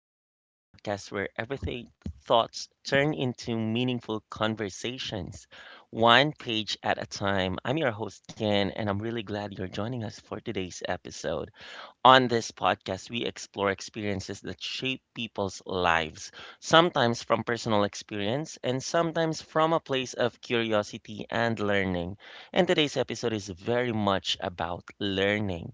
Pages, the podcast where everything thoughts turn into meaningful conversations, one page at a time. I'm your host, Ken, and I'm really glad you're joining us for today's episode. On this podcast, we explore experiences that shape people's lives, sometimes from personal experience and sometimes from a place of curiosity and learning. And today's episode is very much about learning.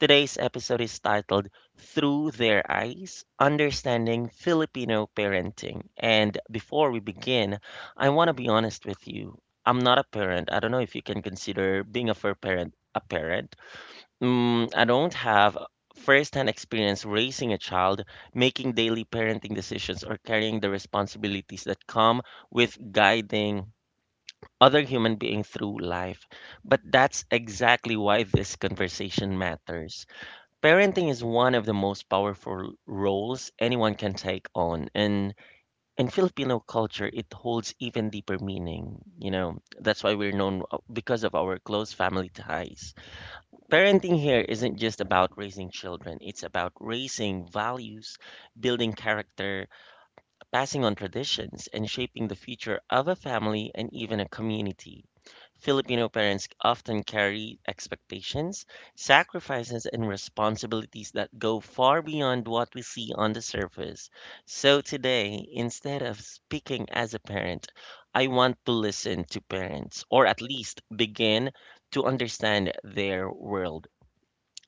Today's episode is titled Through Their Eyes Understanding Filipino Parenting. And before we begin, I want to be honest with you. I'm not a parent. I don't know if you can consider being a fur parent a parent. I don't have first-hand experience raising a child, making daily parenting decisions, or carrying the responsibilities that come with guiding other human being through life. But that's exactly why this conversation matters. Parenting is one of the most powerful roles anyone can take on, and in Filipino culture, it holds even deeper meaning. You know, that's why we're known, because of our close family ties. Parenting here isn't just about raising children, it's about raising values, building character, passing on traditions, and shaping the future of a family and even a community. Filipino parents often carry expectations, sacrifices, and responsibilities that go far beyond what we see on the surface. So today, instead of speaking as a parent, I want to listen to parents, or at least begin to understand their world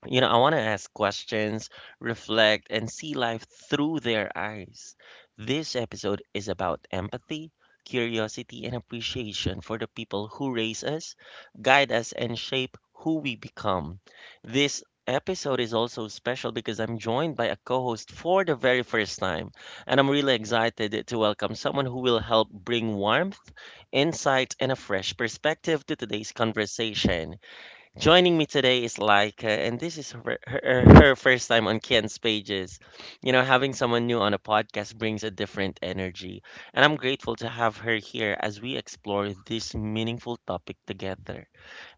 you know, I want to ask questions, reflect, and see life through their eyes. This episode is about empathy, curiosity, and appreciation for the people who raise us, guide us, and shape who we become. This episode is also special because I'm joined by a co host for the very first time, and I'm really excited to welcome someone who will help bring warmth, insight, and a fresh perspective to today's conversation. Joining me today is Laika, and this is her first time on Ken's pages. You know, having someone new on a podcast brings a different energy, and I'm grateful to have her here as we explore this meaningful topic together.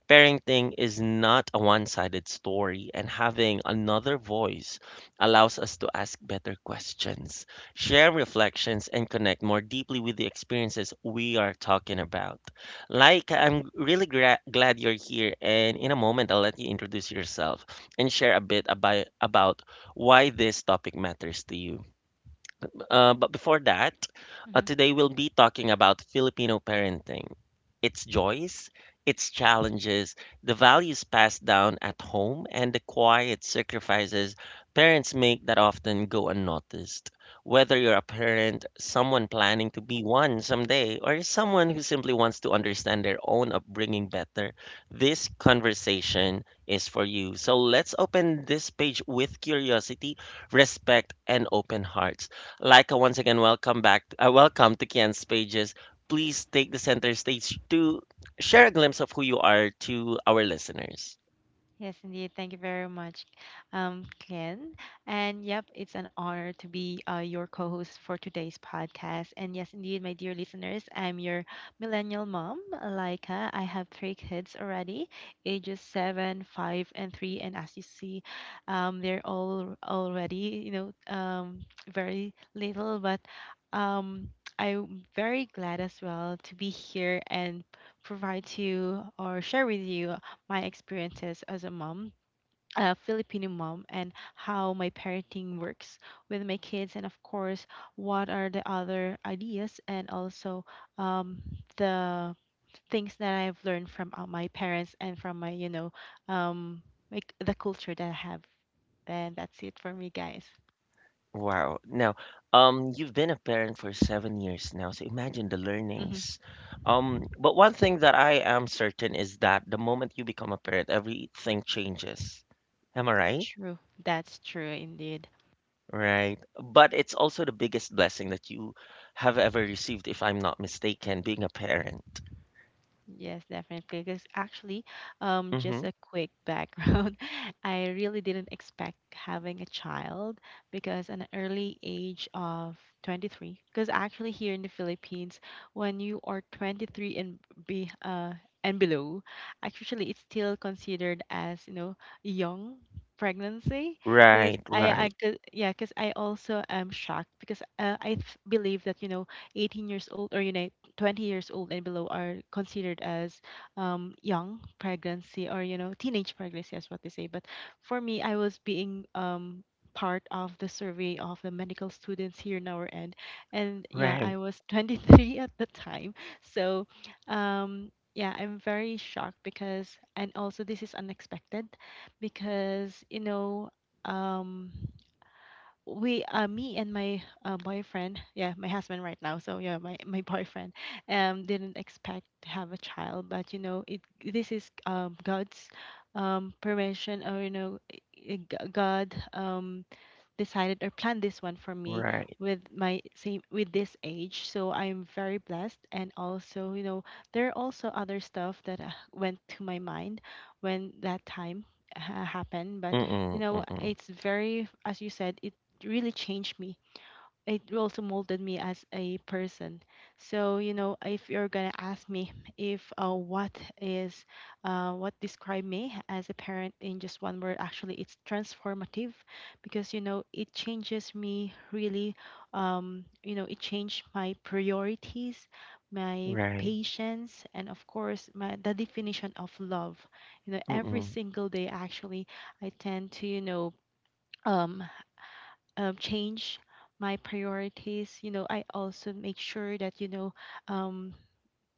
Parenting is not a one sided story, and having another voice allows us to ask better questions, share reflections, and connect more deeply with the experiences we are talking about. Like, I'm really glad you're here, and in a moment, I'll let you introduce yourself and share a bit about why this topic matters to you. But before that, Hmm. today we'll be talking about Filipino parenting, its joys, its challenges, the values passed down at home, and the quiet sacrifices parents make that often go unnoticed. Whether you're a parent, someone planning to be one someday, or someone who simply wants to understand their own upbringing better, this conversation is for you. So let's open this page with curiosity, respect, and open hearts. Like once again, welcome back. Welcome to Kian's Pages. Please take the center stage to share a glimpse of who you are to our listeners. Yes, indeed. Thank you very much, Glenn. And yep, it's an honor to be your co host for today's podcast. And yes, indeed, my dear listeners, I'm your millennial mom, Laika. I have three kids already, ages seven, five, and three. And as you see, they're all already, very little, but um, I'm very glad as well to be here and provide to you or share with you my experiences as a mom, a Filipino mom, and how my parenting works with my kids, and of course, what are the other ideas and also um, the things that I've learned from my parents and from my, um, like the culture that I have. And that's it for me, guys. Wow. Now, you've been a parent for 7 years now, so imagine the Hmm. learnings. But one thing that I am certain is that the moment you become a parent, everything changes. Am I right? True. That's true indeed. Right. But it's also the biggest blessing that you have ever received, if I'm not mistaken, being a parent. Yes, definitely. Because actually, just Mm-hmm. a quick background, I really didn't expect having a child because an early age of 23. Because actually, here in the Philippines, when you are 23 and be and below, actually it's still considered as young pregnancy. Because Right, I right, yeah, because I also am shocked because I believe that 18 years old or 20 years old and below are considered as young pregnancy or teenage pregnancy is what they say, but for me I was being part of the survey of the medical students here in our end, and yeah, I right, was 23 at the time. So yeah, I'm very shocked, because and also this is unexpected because um we me and my boyfriend, yeah, my husband right now, so yeah, my boyfriend didn't expect to have a child, but you know it this is God's permission, or God decided or planned this one for me right. with my, same with this age. So I'm very blessed, and also, there are also other stuff that went to my mind when that time happened, but Mm-mm, mm-mm. it's very, as you said, it really changed me, it also molded me as a person. So if you're gonna ask me if is what describe me as a parent in just one word, actually, it's transformative, because it changes me really. It changed my priorities, my Right. patience, and of course, my the definition of love. Every Mm-mm, single day, actually, I tend to, Um, change my priorities. I also make sure that um,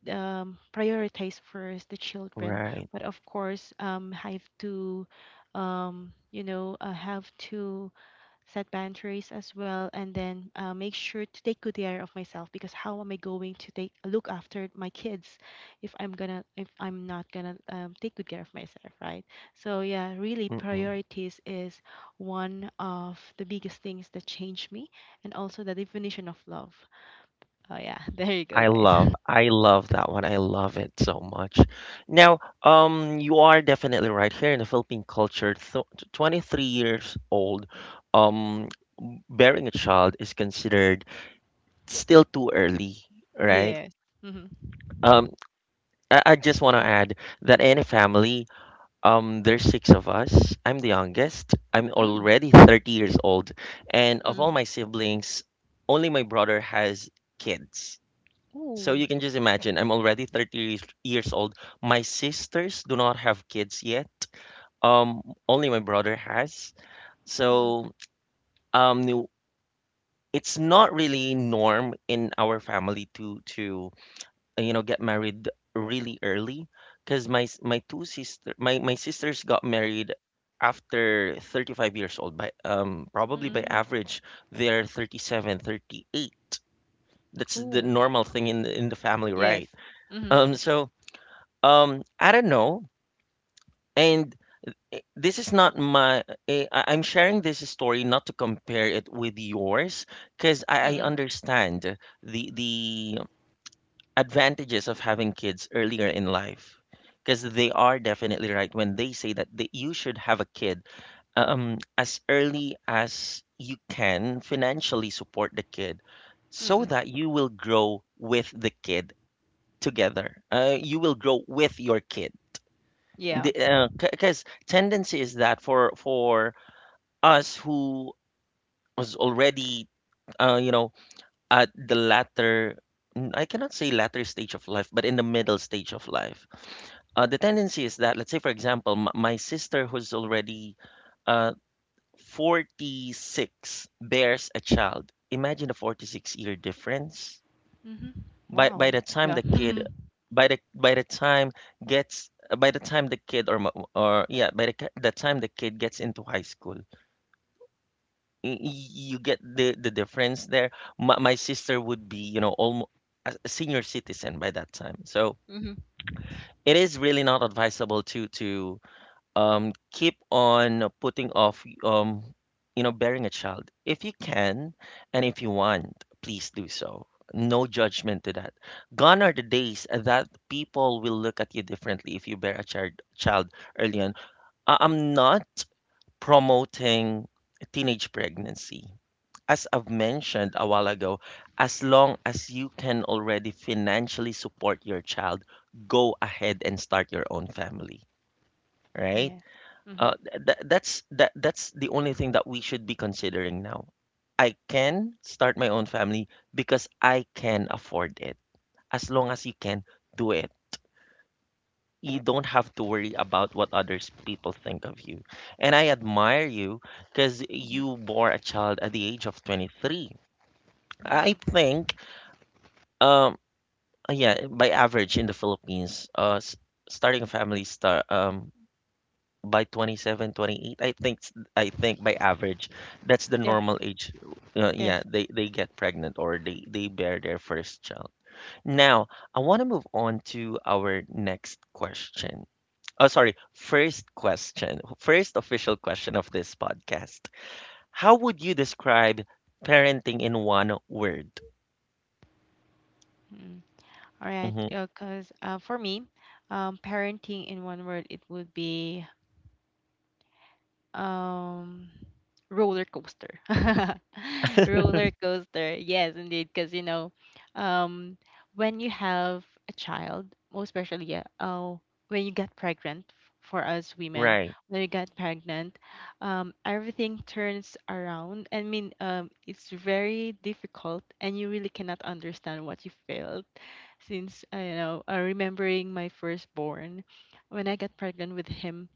prioritize first the children, right. but of course, I have to, have to set boundaries as well, and then make sure to take good care of myself, because how am I going to take look after my kids if I'm not gonna take good care of myself, right? So yeah, really, Mm-mm. priorities is one of the biggest things that changed me, and also the definition of love. Oh yeah. There you go, guys. I love that one. I love it so much. Now, you are definitely right here in the Philippine culture. Th 23 years old, um, bearing a child is considered still too early, right? Yes. Mm-hmm. Um, I just want to add that in a family, there's six of us. I'm the youngest. I'm Mm, already 30 years old, and of mm. all my siblings, only my brother has kids. So Ooh. you can just imagine, I'm already 30 years old. My sisters do not have kids yet. Only my brother has. Mm, So, um, no- it's not really norm in our family to get married really early, because my s- my two sister my my sisters got married after 35 years old by mm. average, they're 37, 38. That's the Ooh. normal thing in the family, Yes. right. Mm-hmm. So, I don't know. And this is not my, eh, I- I'm sharing this story not to compare it with yours, because Mm, I mm, understand the advantages of having kids earlier in life. Because they are definitely right when they say you should have a kid, as early as you can financially support the kid so mm. that you will grow with the kid together. You will grow with your kid, Yeah. the because tendency is that for us who was already uh you know at the latter, I cannot say latter stage of life, but in the middle stage of life, the tendency is that, let's say for example, my sister who's already uh 46 bears a child. Imagine a 46-year difference. Mhm. By the Wow. time the Yeah. kid, by the time gets, by the time the kid or yeah, by the, the time the kid gets into high school, you get the difference there. My sister would be, you know, almost a senior citizen by that time, so Mhm. it is really not advisable to keep on putting off, bearing a child. If you can and if you want, please do so. No judgment to that. Gone are the days that people will look at you differently if you bear a child early on. I'm not promoting teenage pregnancy. As I've mentioned a while ago, as long as you can already financially support your child, go ahead and start your own family, right? Yeah. Mhm. That's the only thing that we should be considering now. I can start my own family because I can afford it. As long as you can do it, you don't have to worry about what others people think of you. And I admire you because Mhm. you bore a child at the age of 23. Mm. I think, um, yeah, by average in the Philippines, starting a family start by 27, 28. I think by average, that's the Yep. normal age. Yes. Yeah, they get pregnant or they bear their first child. Now, I want to move on to our next question. Oh, sorry, first question, first official question of this podcast. How would you describe parenting in one word? Mm. All right. Mm-hmm. Yeah, cause for me, parenting in one word, it would be um roller coaster. Roller coaster. Yes, indeed. Because, um, when you have a child, most especially oh, when you get pregnant, for us women, Right. when you get pregnant, everything turns around. I mean, it's very difficult, and you really cannot understand what you felt. Since, remembering my firstborn, when I got pregnant with him,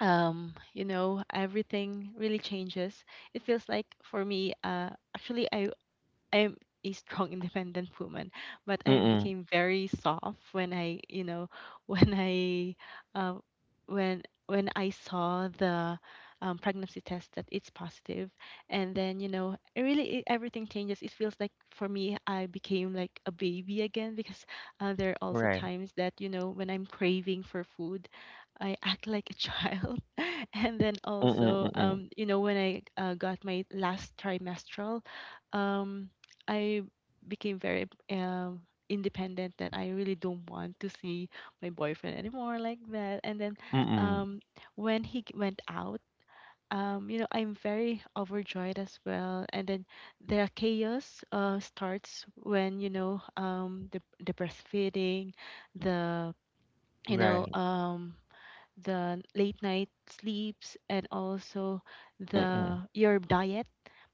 everything really changes. It feels like for me, actually, I'm a strong independent woman, but I Mm-mm. became very soft when, when I, uh, when I saw the pregnancy test that it's positive, and then it really, everything changes. It feels like for me, I became like a baby again because there are also Right. times that when I'm craving for food, I act like a child, and then Mm-mm. also, Mm-mm. When I got my last trimestral. Um, I became very independent, that I really don't want to see my boyfriend anymore like that. And then Mm-mm. um when he went out, I'm very overjoyed as well. And then the chaos starts when the breastfeeding, the you know Right. The late night sleeps, and also the Mm-mm. your diet,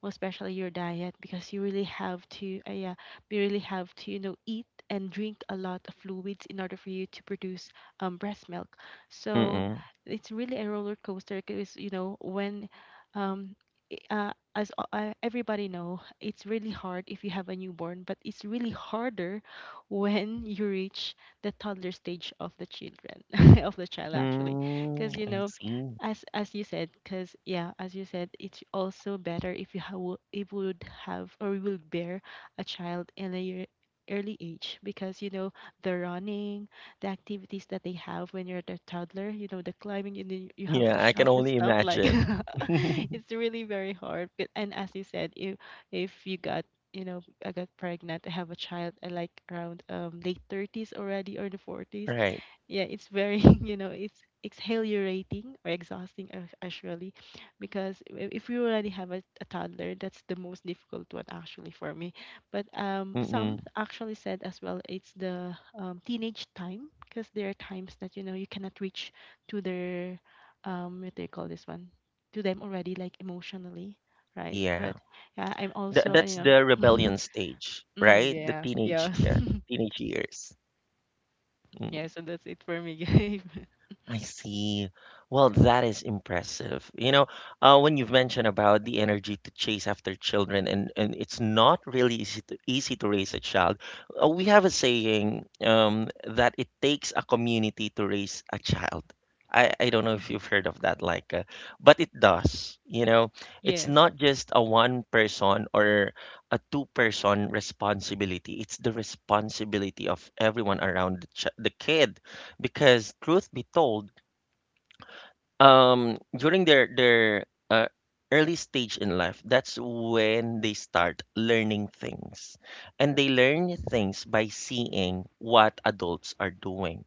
most especially your diet, because you really have to, yeah, you really have to, eat and drink a lot of fluids in order for you to produce breast milk. So Mm-mm. it's really a roller coaster because when um, everybody know, it's really hard if you have a newborn, but it's really harder when you reach the toddler stage of the children of the child, actually, Mm, because I see. as you said, because yeah, as you said, it's also better if you have, if would have, or we will bear a child in a year early age, because the running, the activities that they have when you're the toddler, the climbing, and then you have to Yeah, I can shout and only stuff, like imagine. it's really very hard. But, and as you said, if you got you know, I got pregnant. I have a child. I, like, around late 30s already, or the 40s. Right. Yeah, it's very, it's exhilarating, or exhausting, actually, because if you already have a toddler, that's the most difficult one, actually, for me. But some Mm-mm. actually said as well, it's the teenage time, because there are times that you cannot reach to their, what do you call this one, to them already, like, emotionally, right? Yeah. But yeah, I'm Th also, That's the rebellion stage, Mm, right? The yeah, teenage, yeah. yeah, teenage years. Yeah, so that's it for me, Gabe. I see. Well, that is impressive. You know, when you've mentioned about the energy to chase after children, and it's not really easy to raise a child. We have a saying, that it takes a community to raise a child. I don't know if Mhm. you've heard of that, like, but it does. You know, it's Yes. not just a one person or a two-person responsibility. It's the responsibility of everyone around the kid, because truth be told, during their uh, early stage in life, that's when they start learning things. And they learn things by seeing what adults are doing.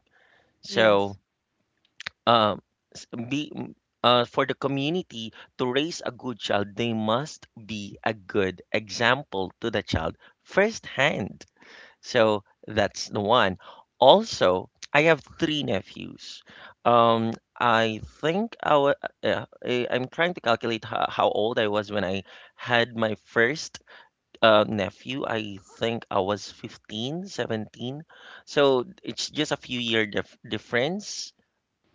Yes. So, um, s- be m- for the community to raise a good child, they must be a good example to the child firsthand. So that's the one. Also, I have three nephews. Um, I think I'm trying to calculate how old I was when I had my first nephew. I think I was 15, 17. So it's just a few year difference.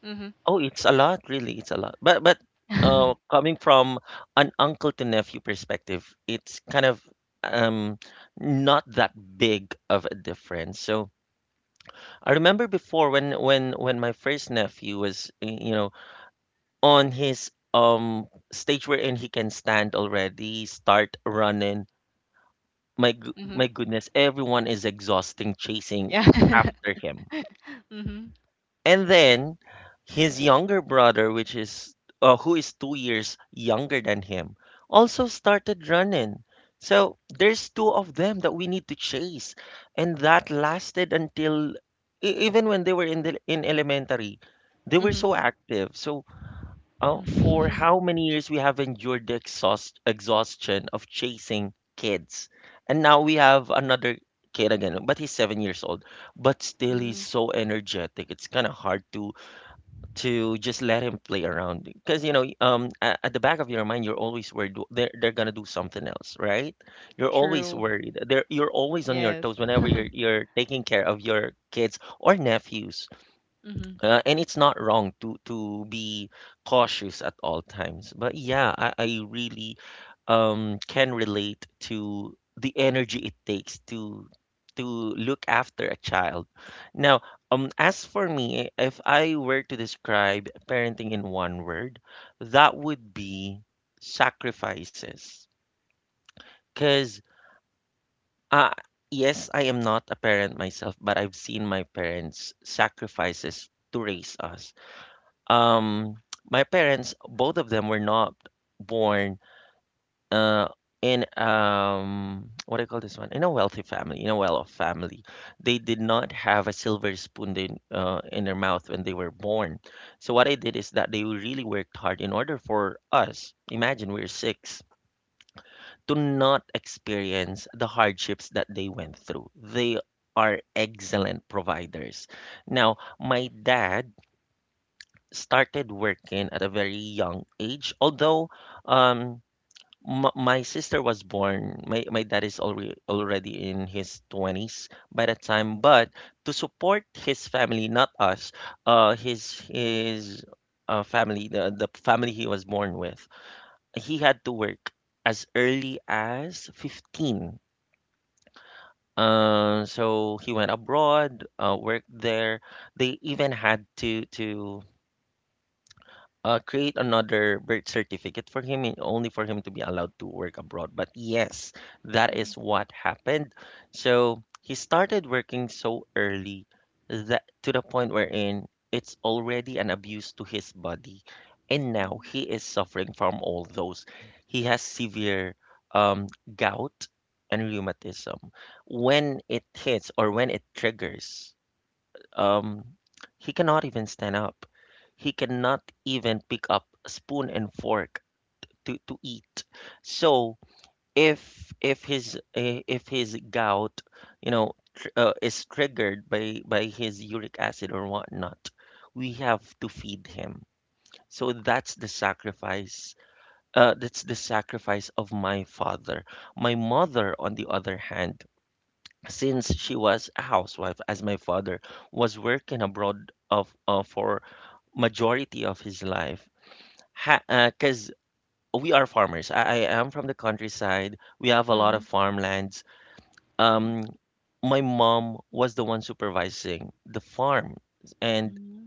Mm-hmm. Oh, it's a lot, really. It's a lot. But coming from an uncle to nephew perspective, it's kind of um not that big of a difference. So I remember before when my first nephew was, on his stage wherein he can stand already, start running. Mm-hmm. My goodness, everyone is exhausting chasing Yeah. after him. Mm-hmm. And then his younger brother, which is, who is 2 years younger than him, also started running. So there's two of them that we need to chase, and that lasted until even when they were in elementary, they were Mm-hmm. so active. For Mm-hmm. how many years we have endured the exhaustion of chasing kids, and now we have another kid again, but he's 7 years old. But still, he's Mm. so energetic, it's kind of hard to just let him play around. Because, you know, at the back of your mind, you're always worried. They're gonna do something else, right? You're always True. worried you're always on your Yes. toes whenever you're taking care of your kids or nephews. Mm-hmm. Uh, and it's not wrong to be cautious at all times. But yeah, I really can relate to the energy it takes to look after a child. Now, as for me, if I were to describe parenting in one word, that would be sacrifices. Cause uh yes, I am not a parent myself, but I've seen my parents sacrifices to raise us. um, my parents, both of them, were not born uh, in, what do you call this one? In a wealthy family, in a well-off family. They did not have a silver spoon in their mouth when they were born. So what I did is that they really worked hard in order for us, imagine we're six, to not experience the hardships that they went through. They are excellent providers. Now, my dad started working at a very young age. Although, um, my sister was born, my dad is already in his 20s by that time. But to support his family, not us, his family, the family he was born with, he had to work as early as 15. So he went abroad, worked there. They even had to create another birth certificate for him, and only for him to be allowed to work abroad. But yes, that is what happened. So he started working so early that, to the point wherein it's already an abuse to his body. And now he Mm-hmm. is suffering from all those. He has severe, um, gout and rheumatism. When it hits or when it triggers, um, he cannot even stand up. He cannot even pick up a spoon and fork to eat. So if his if his gout, you know, tr is triggered by his uric acid or whatnot, we have to feed him. So that's the sacrifice. That's the sacrifice of my father. My mother, on the other hand, since she was a housewife as my father was working abroad of for majority of his life, 'cause cuz we are farmers. I am from the countryside, we have a lot Mm-hmm. of farmlands. um my mom was the one supervising the farm, and Mm-hmm.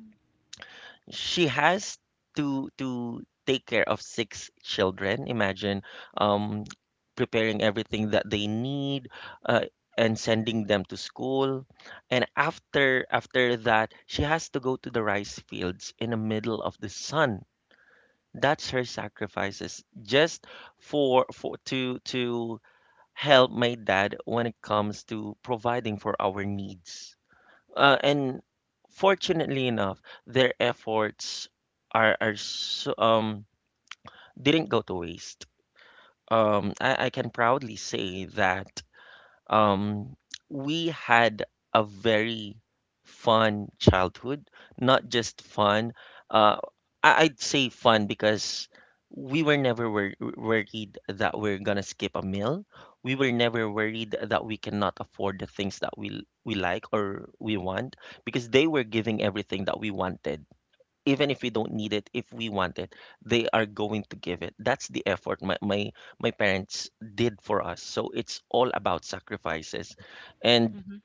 she has to take care of 6 children. Imagine, um, preparing everything that they need, uh, and sending them to school. And after that, she has to go to the rice fields in the middle of the sun. That's her sacrifices, just for to help my dad when it comes to providing for our needs. And fortunately enough, their efforts are so, didn't go to waste. I can proudly say that, um, we had a very fun childhood, not just fun. Uh, I'd say fun because we were never worried that we're gonna skip a meal. We were never worried that we cannot afford the things that we like or we want, because they were giving everything that we wanted. Even if we don't need it, if we want it, they are going to give it. That's the effort my parents did for us. So it's all about sacrifices. And Mm-hmm.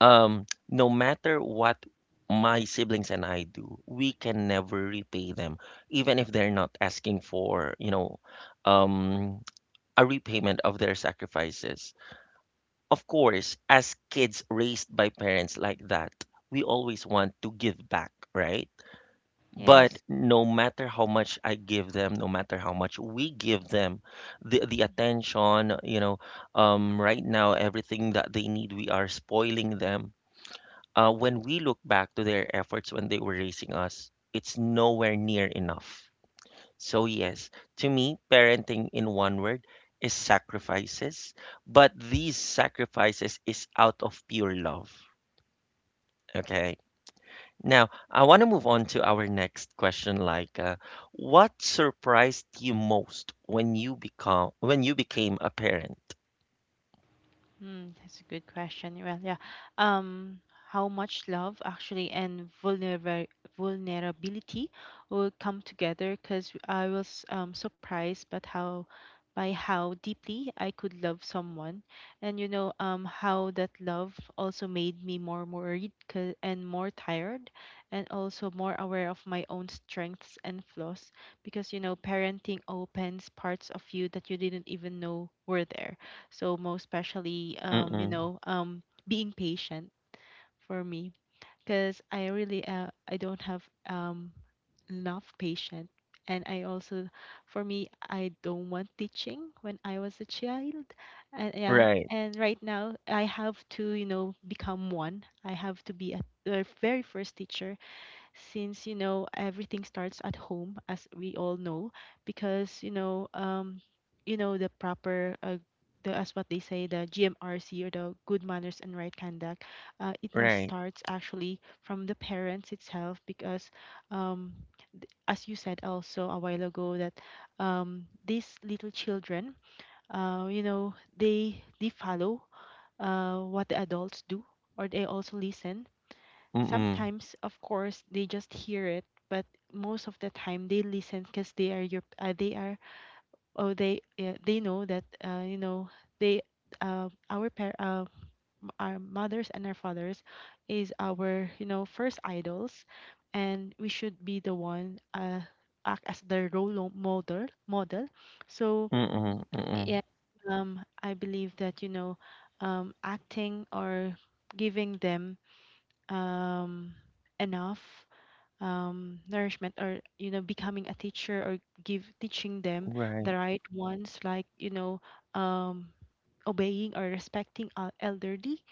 no matter what my siblings and I do, we can never repay them, even if they're not asking for, you know, um a repayment of their sacrifices. Of course, as kids raised by parents like that, we always want to give back, right? But Yes. no matter how much I give them, no matter how much we give them, the attention, you know, right now, everything that they need, we are spoiling them. When we look back to their efforts when they were raising us, it's nowhere near enough. So yes, to me, parenting in one word is sacrifices, but these sacrifices is out of pure love. Okay. Now, I want to move on to our next question. Like, what surprised you most when you become when you became a parent? Hmm, that's a good question. Well, yeah. Um, how much love actually and vulnerability will come together, because I was, surprised, but how by how deeply I could love someone, and how that love also made me more worried, and more tired, and also more aware of my own strengths and flaws, because parenting opens parts of you that you didn't even know were there. So most especially, Mm-mm. Being patient, for me, because I don't have um, enough patience. And I also, for me, I don't want teaching when I was a child. And yeah, Right, and right now I have to, become one. I have to be the very first teacher, since everything starts at home, as we all know. Because the proper, the, as what they say, the GMRC, or the good manners and right conduct, it must right. start actually from the parents itself, because um as you said also a while ago, that these little children, they follow what the adults do, or they also listen. Mm-mm. Sometimes, of course, they just hear it, but most of the time they listen, because they are your, they know that, they our par- m- our mothers and our fathers is our, first idols, and we should be the one, act as the role model. So Mm-mm. Mm-mm. yeah, I believe that acting, or giving them um enough, nourishment, or becoming a teacher, or give teaching them Right. the right ones, like, um, obeying, or respecting our elderly.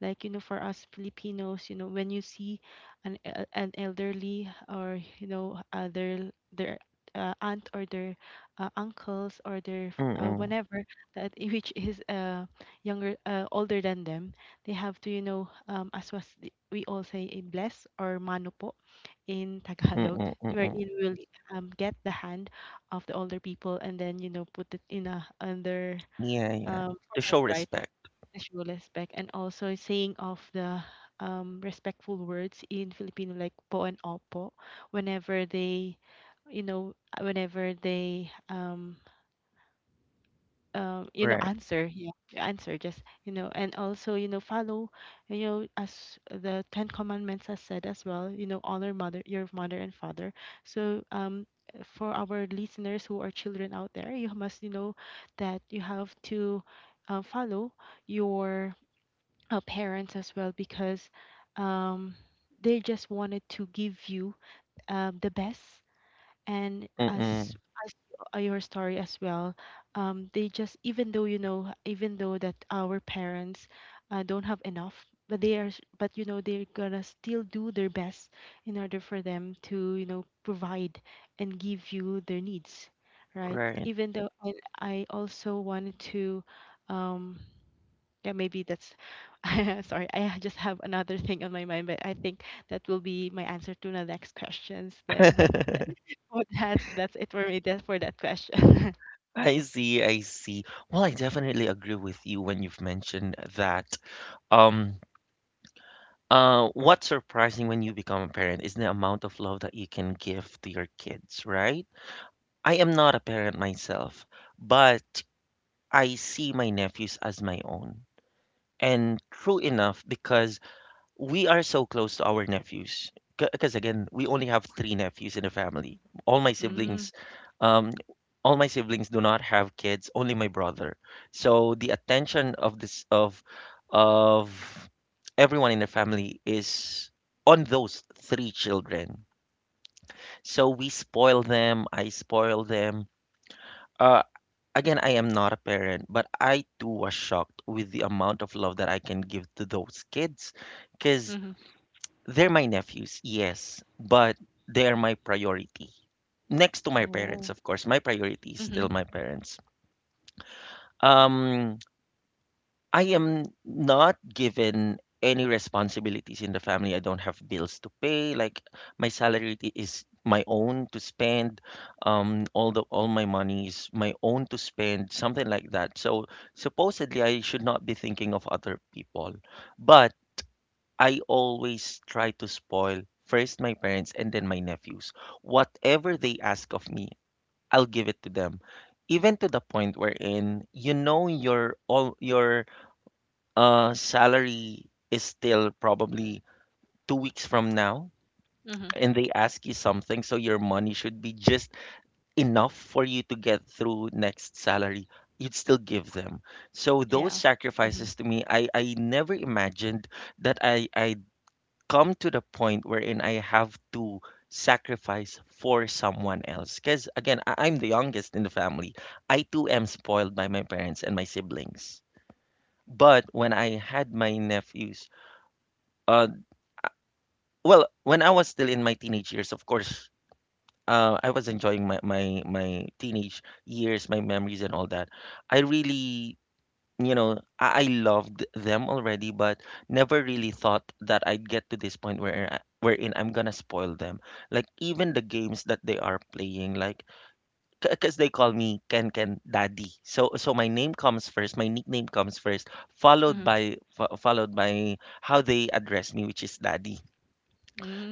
Like, for us Filipinos, when you see an elderly, or their aunt, or their uncles, or their Mm-mm. whenever that which is, younger older than them, they have to, as we all say, bless, or mano po, in Tagalog, Mm-mm. Mm-mm. wherein we'll, get the hand of the older people, and then, put it in a under Yeah, yeah. To forehead, show right? respect. To show respect. And also saying of the respectful words in Filipino, like po and opo, whenever they, you know, whenever they Right. answer, yeah, answer, just, and also, follow, as the Ten Commandments has said as well, honor mother, your mother and father. So, for our listeners who are children out there, you must, that you have to follow your parents as well, because um, they just wanted to give you the best, and as Mm-mm. as y- uh, your story as well. They just, even though that our parents don't have enough, but but they're gonna still do their best in order for them to, provide and give you their needs, right? Right. Even though I also wanted to um yeah, maybe that's sorry. I just have another thing on my mind, but I think that will be my answer to the next questions then. Oh, that's it for me. That for that question. I see, I see. Well, I definitely agree with you when you've mentioned that. Um, what's surprising when you become a parent is the amount of love that you can give to your kids, right? I am not a parent myself, but I see my nephews as my own. And true enough, because we are so close to our nephews, because again, we only have 3 nephews in the family, all my Mm. siblings, um all my siblings do not have kids, only my brother. So the attention of this of everyone in the family is on those 3 children. So we spoil them, I spoil them. uh Again, I am not a parent, but I too was shocked with the amount of love that I can give to those kids. Because Mm-hmm. they're my nephews, yes, but they are my priority. Next to my parents, Oh. of course. My priority is Mm-hmm. still my parents. Um, I am not given any responsibilities in the family. I don't have bills to pay. Like, my salary is my own to spend. All my money is my own to spend, something like that. So supposedly I should not be thinking of other people. But I always try to spoil first my parents and then my nephews. Whatever they ask of me, I'll give it to them. Even to the point wherein, you know, your all your salary is still probably 2 weeks from now, Mm-hmm. and they ask you something, so your money should be just enough for you to get through next salary, you'd still give them. So those Yeah. Mm-hmm. sacrifices, to me, I never imagined that I come to the point wherein I have to sacrifice for someone else. Because again, I'm the youngest in the family. I too am spoiled by my parents and my siblings. But when I had my nephews, uh, well, when I was still in my teenage years, of course, I was enjoying my teenage years, my memories, and all that. I really, you know, I loved them already, but never really thought that I'd get to this point where wherein I'm gonna spoil them. Like, even the games that they are playing, like, because they call me Ken Ken Daddy, so so my name comes first, my nickname comes first, followed Mm-hmm. by followed by how they address me, which is Daddy.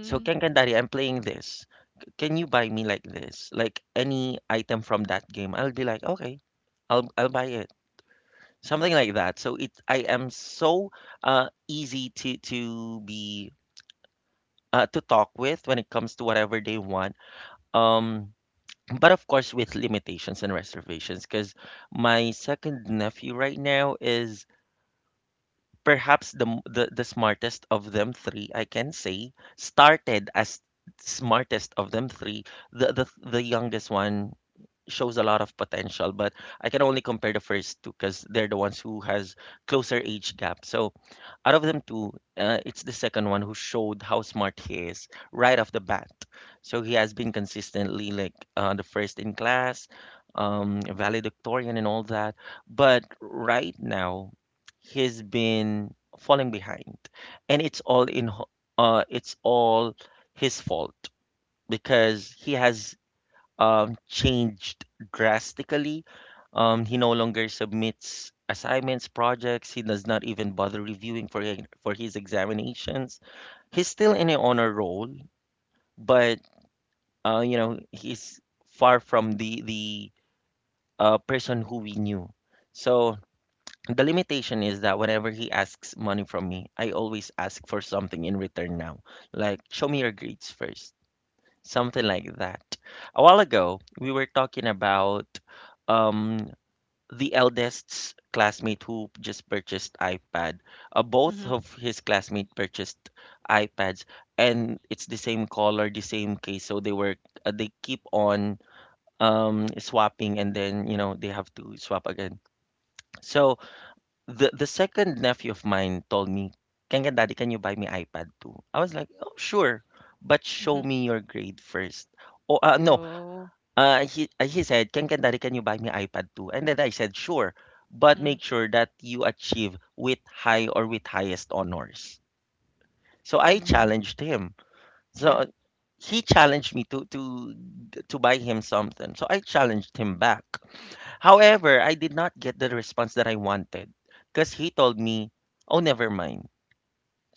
So Ken Ken Daddy, I'm playing this. Can you buy me like this, like any item from that game? I'll be like, okay, I'll buy it, something like that. So it, I am so easy to be to talk with when it comes to whatever they want. Um but of course, with limitations and reservations, because my second nephew right now is perhaps the, the smartest of them three, I can say. Started as smartest of them three. The youngest one shows a lot of potential, but I can only compare the first two because they're the ones who has closer age gap. So out of them two, it's the second one who showed how smart he is right off the bat. So he has been consistently like, the first in class, valedictorian and all that. But right now, he's been falling behind, and it's all in it's all his fault because he has, changed drastically. He no longer submits assignments, projects. He does not even bother reviewing for his examinations. He's still in an honor roll, but you know, he's far from the person who we knew. So the limitation is that whenever he asks money from me, I always ask for something in return now. Like, show me your grades first. Something like that. A while ago, we were talking about, um, the eldest's classmate who just purchased iPad. Both mm-hmm. of his classmates purchased iPads, and it's the same color, the same case. So they were, they keep on, swapping, and then, you know, they have to swap again. So the second nephew of mine told me, "Kanga daddy, can you buy me iPad too?" I was like, "Oh sure, but show Mm-hmm. me your grade first." Oh, no, Oh. He said, can you buy me iPad too?" And then I said, "Sure, but make Mm, sure that you achieve with high or with highest honors." So I mm-hmm. challenged him. So Yeah. He challenged me to buy him something. So I challenged him back. However, I did not get the response that I wanted because he told me, "Oh, never mind."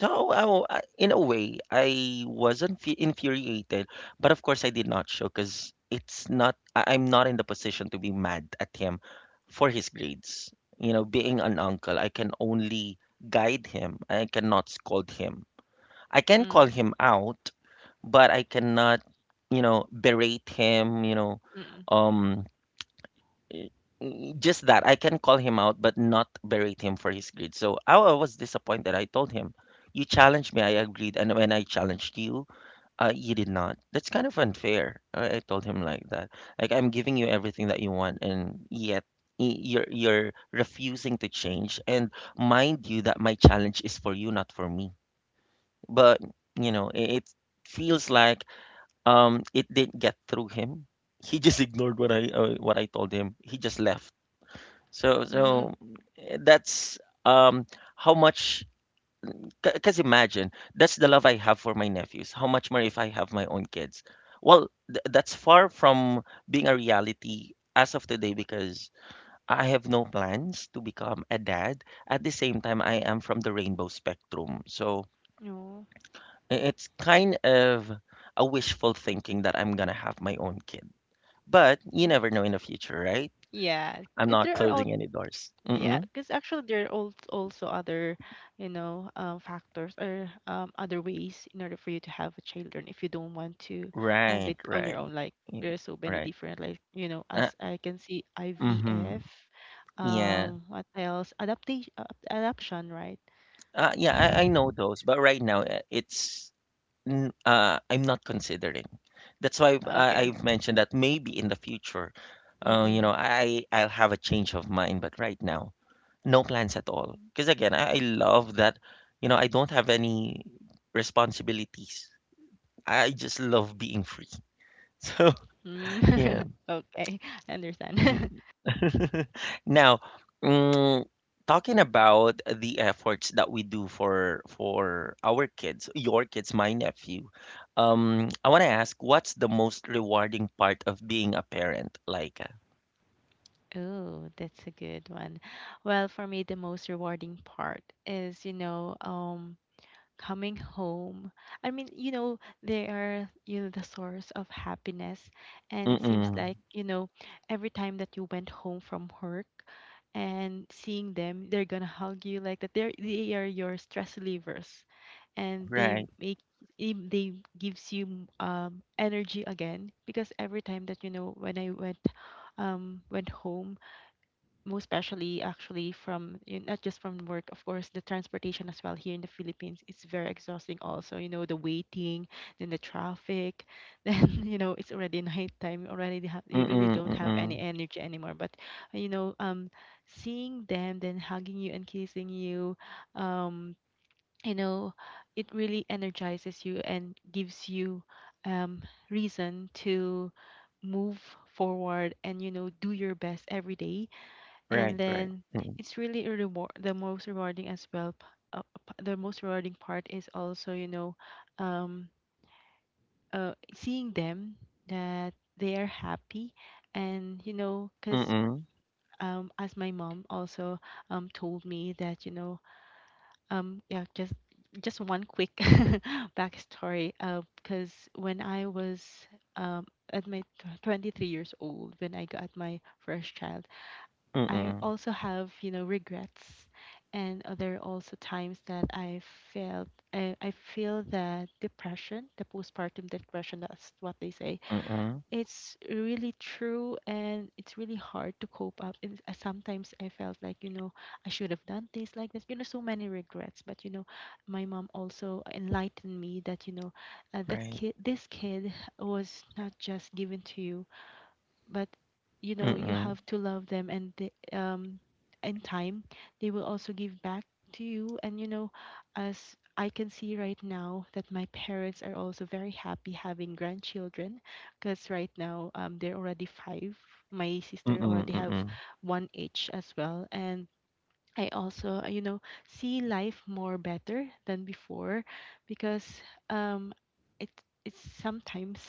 In a way, I wasn't infuriated, but of course, I did not show because it's not, I- I'm not in the position to be mad at him for his grades. You know, being an uncle, I can only guide him, I cannot scold him. I can call Mm, him out, but I cannot, berate him, mm-mm. um, Just that I can call him out, but not berate him for his greed. So I was disappointed. I told him, "You challenged me. I agreed, and when I challenged you, you did not. That's kind of unfair." I told him like that. Like I'm giving you everything that you want, and yet you're refusing to change. And mind you, that my challenge is for you, not for me. But it feels like it didn't get through him. He just ignored what I told him. He just left so Mm-hmm. so Eh, that's um how much, because imagine that's the love I have for my nephews. How much more if I have my own kids? Well, th that's far from being a reality as of today because I have no plans to become a dad. At the same time, I am from the rainbow spectrum. So No. It's kind of a wishful thinking that I'm gonna have my own kid. But you Mm. never know in the future, right? Yeah. I'm 'Cause not there are all closing any doors. Yeah, because actually there are also other, factors, or other ways in order for you to have a children, if you don't want to have Right, it on your right. own. Like, Y there are so many Right. different, like, Uh, as I can see, IVF. mhm. Yeah. What else? Adaptation, adoption, right? Yeah, I know those, but right now, it's n I'm not considering. That's why I Okay. I've mentioned that maybe in the future, you know, Mm-mm. I'll have a change of mind, but right now, no plans at all. Because again, I love that, you know, I don't have any responsibilities. I just love being free. So, Mm. yeah. Okay, I understand. Now, mm, talking about the efforts that we do for our kids, your kids, my nephew, I want to ask, what's the most rewarding part of being a parent? Like, Oh, that's a good one. Well, for me, the most rewarding part is coming home. I mean, they are, the source of happiness. And it seems mm-mm, like, every time that you went home from work and seeing them, they're gonna hug you like that. They are your stress relievers, and they right, make, they gives you energy again, because every time that, when I went home, most especially actually from, not just from work, of course the transportation as well here in the Philippines, it's very exhausting. Also, the waiting, then the traffic, then, it's already nighttime. You really mm-mm, don't have mm-mm, any energy anymore, but, you know um seeing them, then hugging you and kissing you, um you know it really energizes you and gives you um reason to move forward, and, do your right, best right, every day. mm-mm, And then, it's really a reward, the most rewarding as well, uh, the most rewarding part is also, um seeing them, that they are happy. And mm-mm, because, as my mom also told me that, yeah, just one quick backstory, because when I was um at my 23 years old, when I got my first child, I mm-mm, also have, regrets, and there are also times that I felt, I feel that depression, the postpartum depression, that's what they say. mm-mm, It's really true, and it's really hard to cope up. And sometimes I felt like, I should have done this like this. You know, so many regrets. But, my mom also enlightened me that, the right, kid, this kid, was not just given to you, but you mm-mm, have to love them, and they, in time, they will also give back to you. And, as I can see right now, that my parents are also very happy having grandchildren, because right now, they're already five. My sister mm-mm, already have mm-mm, one each as well, and I also, see life more better than before, because um it, it's sometimes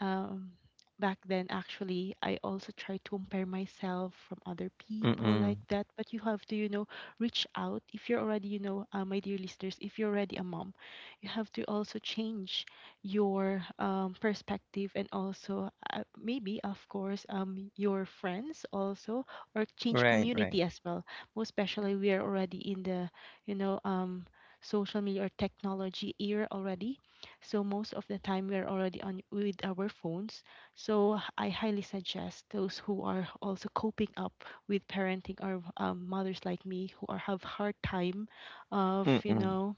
um, back then. Actually, I also try to compare myself from other people mm-mm, like that. But you have to, reach out. If you're already, my dear listeners, if you're already a mom, you have to also change your perspective, and also, maybe, of course, your friends also, or change right, right, community as well. Most especially, we are already in the, you know, um, social media or technology era already, so most of the time we are already on with our phones. So I highly suggest those who are also coping up with parenting, or, mothers like me who are have hard time of, mm-mm, know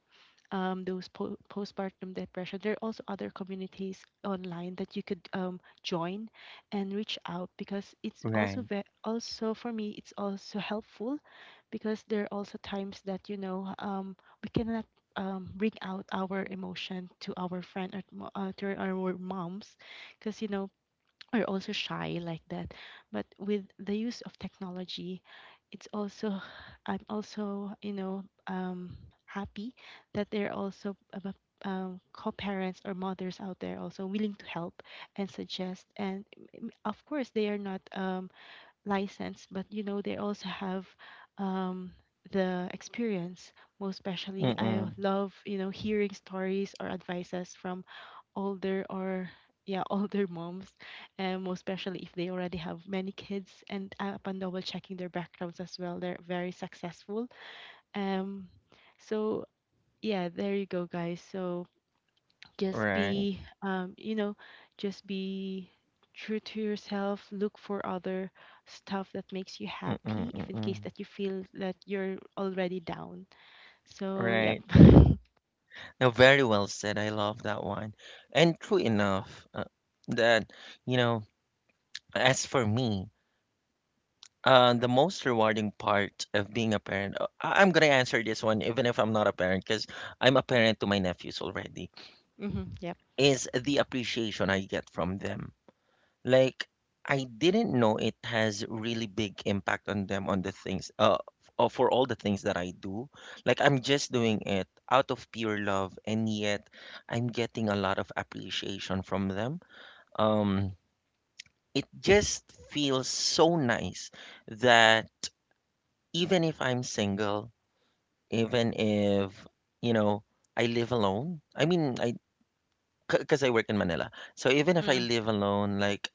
um, those postpartum depression. There are also other communities online that you could join and reach out, because it's right, also, also for me it's also helpful, because there are also times that, we cannot bring out our emotion to our friend, or to to our moms, because, or also shy like that. But with the use of technology, it's also, I'm also, happy that there are also, co-parents or mothers out there also willing to help and suggest. And, of course, they are not license, but they also have um, the experience. Most especially, I mm-mm, love, hearing stories or advices from older, or yeah, older moms, and most especially if they already have many kids. And, upon double checking their backgrounds as well, they're very successful. Um, so yeah, there you go, guys. So just right, be um, you know just be true to yourself. Look for other stuff that makes you mm-mm, happy, if in mm-mm, case that you feel that you're already down. So, yep. right, right. Hmm. No, very well said. I love that one. And true enough, that, you know, as for me, the most rewarding part of being a parent, I'm gonna answer this one even if I'm not a parent, because I'm a parent to my nephews already, Yep. is the appreciation I get from them. Like, I didn't know it has really big impact on them on the things for all the things that I do. Like I'm just doing it out of pure love and yet I'm getting a lot of appreciation from them. Um it just feels so nice that even if I'm single, even if you know I live alone. I mean, I Because I work in Manila. So even if I Mm-mm. live alone, like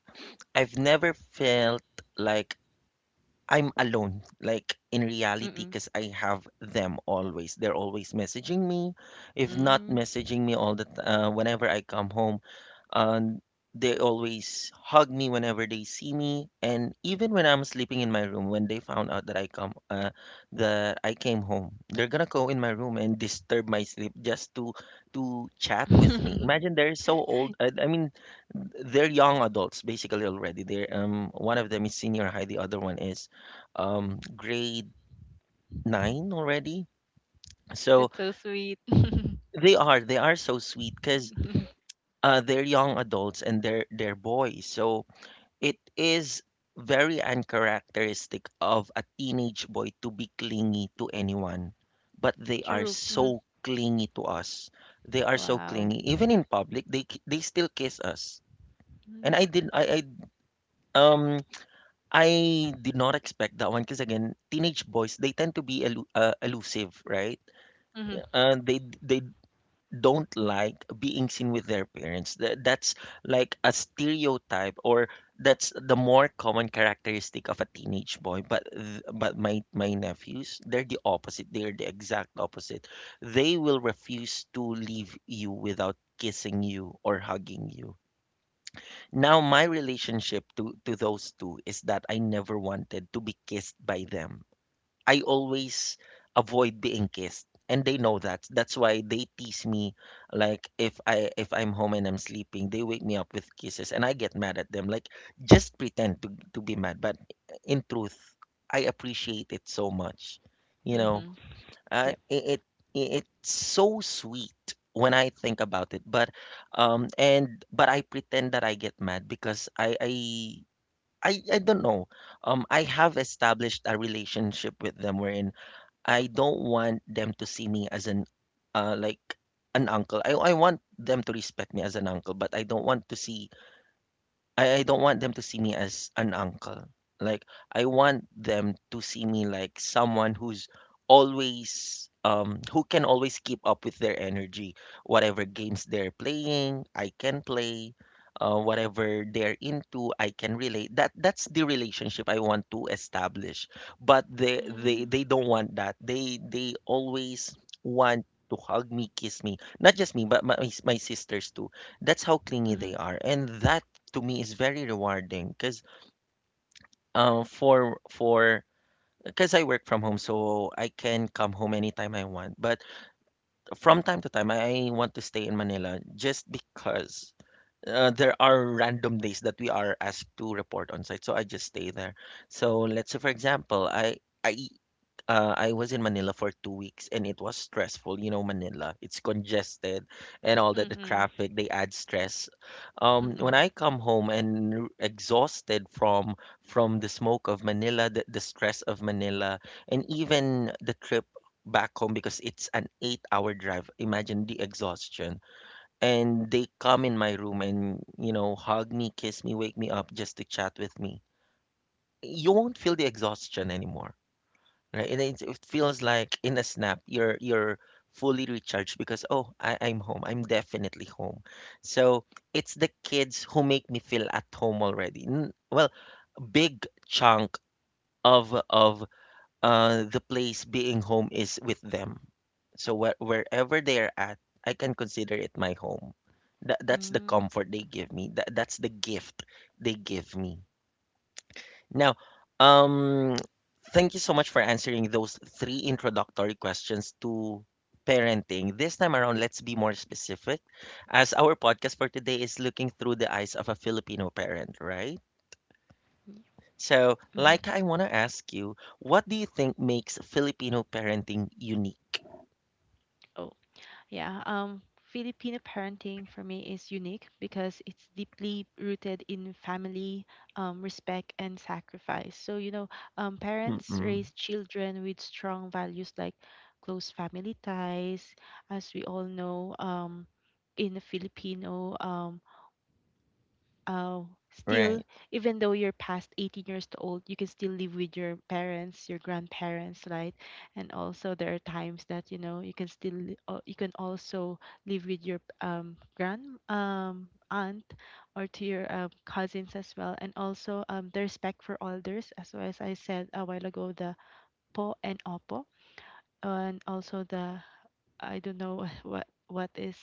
I've never felt like I'm alone, like in reality, Mm-mm. because I have them always. They're always messaging me. If not Mm. messaging me all whenever I come home, and they always hug me whenever they see me and even when I'm sleeping in my room when they found out that I come that I came home, they're gonna go in my room and disturb my sleep just to chat with me. Imagine, they're so old. I mean, they're young adults basically already. They're One of them is senior high, the other one is grade Mhm. nine already. So That's so sweet. they are so sweet because Mhm. They're young adults and they're boys. So it is very uncharacteristic of a teenage boy to be clingy to anyone, but they are True. Hmm. so clingy to us. They are so Wow. clingy. Even in public, they still kiss us. And Mm. Um I did not expect that one because again, teenage boys they tend to be elusive, right? Mm-hmm. They don't like being seen with their parents. That's like a stereotype, or that's the more common characteristic of a teenage boy. But my nephews, they're the opposite. They're the exact opposite. They will refuse to leave you without kissing you or hugging you. Now my relationship to those two is that I never wanted to be kissed by them. I always avoid being kissed, and they know that. That's why they tease me. Like if I'm home and I'm sleeping, they wake me up with kisses, and I get mad at them. Like just pretend to be mad, but in truth, I appreciate it so much. You know, Mm-hmm. uh, Yep. it, it it's so sweet when I think about it. But and but I pretend that I get mad because I don't know. I have established a relationship with them wherein I don't want them to see me as uh, like an uncle. I want them to respect me as an uncle, but I don't want to see I don't want them to see me as an uncle. Like I want them to see me like someone who's always who can always keep up with their energy. Whatever games they're playing, I can play. Whatever they're into, I can relate. That that's the relationship I want to establish. But Mm-hmm. They don't want that. They always want to hug me, kiss me. Not just me, but my sisters too. That's how clingy Mm-hmm. they are, and that to me is very rewarding because for because I work from home, so I can come home anytime I want. But from time to time, I want to stay in Manila just because there are random days that we are asked to report on site. So I just stay there. So let's say, for example, I I was in Manila for 2 weeks and it was stressful. You know, Manila, it's congested and all that, the Mm-hmm. traffic, they add stress. Mm-hmm. When I come home and exhausted from the smoke of Manila, the stress of Manila, and even the trip back home because it's an 8 hour drive. Imagine the exhaustion. And they come in my room and, you know, hug me, kiss me, wake me up just to chat with me. You won't feel the exhaustion anymore. Right? And it feels like in a snap, you're fully recharged because oh, I'm home. I'm definitely home. So it's the kids who make me feel at home already. Well, big chunk of the place being home is with them. So wherever they are at, I can consider it my home. That that's the Hmm. Mm. comfort they give me. That that's the gift they give me. Now, um, thank you so much for answering those three introductory questions to parenting. This time around, let's be more specific, as our podcast for today is looking through the eyes of a Filipino parent, right? Hmm. Yep. Mm. So, Hmm. Mm. Hmm. Mm. like, Hmm. Mm. I want to ask you, what do you think makes Filipino parenting unique? Hmm. Yeah, Filipino parenting for me is unique because it's deeply rooted in family, respect, and sacrifice. So, parents Mm-mm, raise children with strong values like close family ties, as we all know, in the Filipino, oh, still, right. even though you're past 18 years old, you can still live with your parents, your grandparents, right? And also, there are times that, you can still, you can also live with your grand aunt, or to your cousins as well. And also, the respect for elders, as well as I said a while ago, the po and opo, and also the, I don't know what is.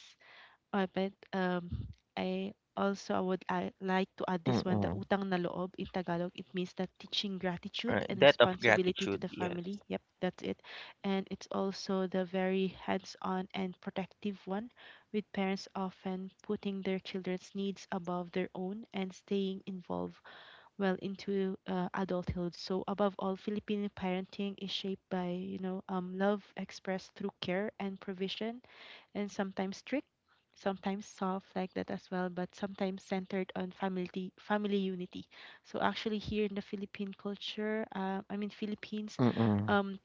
Alright, I also, I like to add this one, the Mm-mm, utang na loob in Tagalog. It means that, teaching right. Debt gratitude of and gratitude, responsibility to yes. the family. Yep, that's it. And it's also the very hands-on and protective one, with parents often putting their children's needs above their own, and staying involved well into adulthood. So above all, Filipino parenting is shaped by, love expressed through care and provision, and sometimes strict, sometimes soft like that as well, but sometimes centered on family unity. So actually, here in the Philippine culture, I mean, Philippines, Mm-mm, um,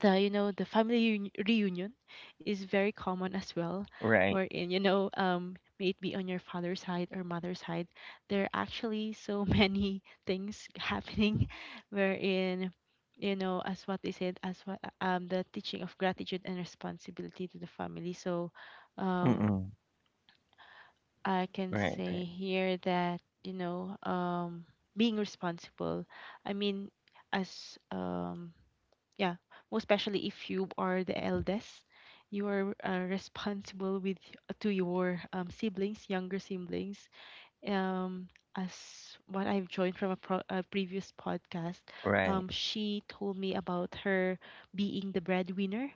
the you know the family reunion is very common as right. well, wherein, may it be on your father's side or mother's side, there are actually so many things happening, wherein, as what they said, as what the teaching of gratitude and responsibility to the family. So um Mm-mm, I can right, right, say here that, being responsible, I mean, as, yeah, most especially if you are the eldest, you are responsible with, to your siblings, younger siblings, um as what I've joined from a previous podcast, right. She told me about her being the breadwinner.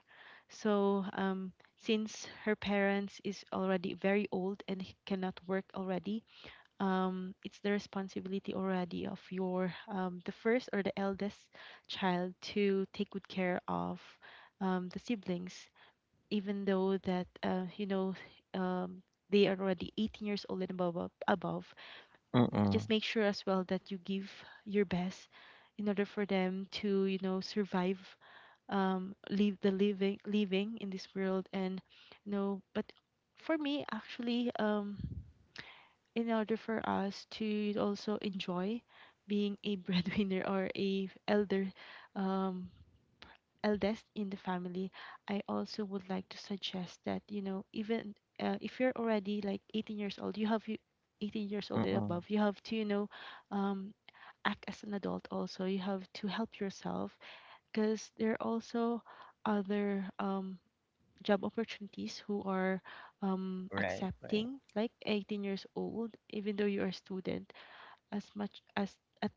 So, since her parents is already very old and he cannot work already, it's the responsibility already of your the first or the eldest child to take good care of the siblings, even though that you know um, they are already 18 years old and above, Mm-mm, just make sure as well that you give your best in order for them to survive, leave the living in this world. And but for me actually, in order for us to also enjoy being a breadwinner or a elder, um eldest in the family. I also would like to suggest that, you know, even, if you're already like 18 years old, you have you 18 years old and mm-mm, above, you have to, you know, um act as an adult. Also you have to help yourself, because there are also other, job opportunities who are, right, right. accepting like 18 years old even though you're a student, as much as at,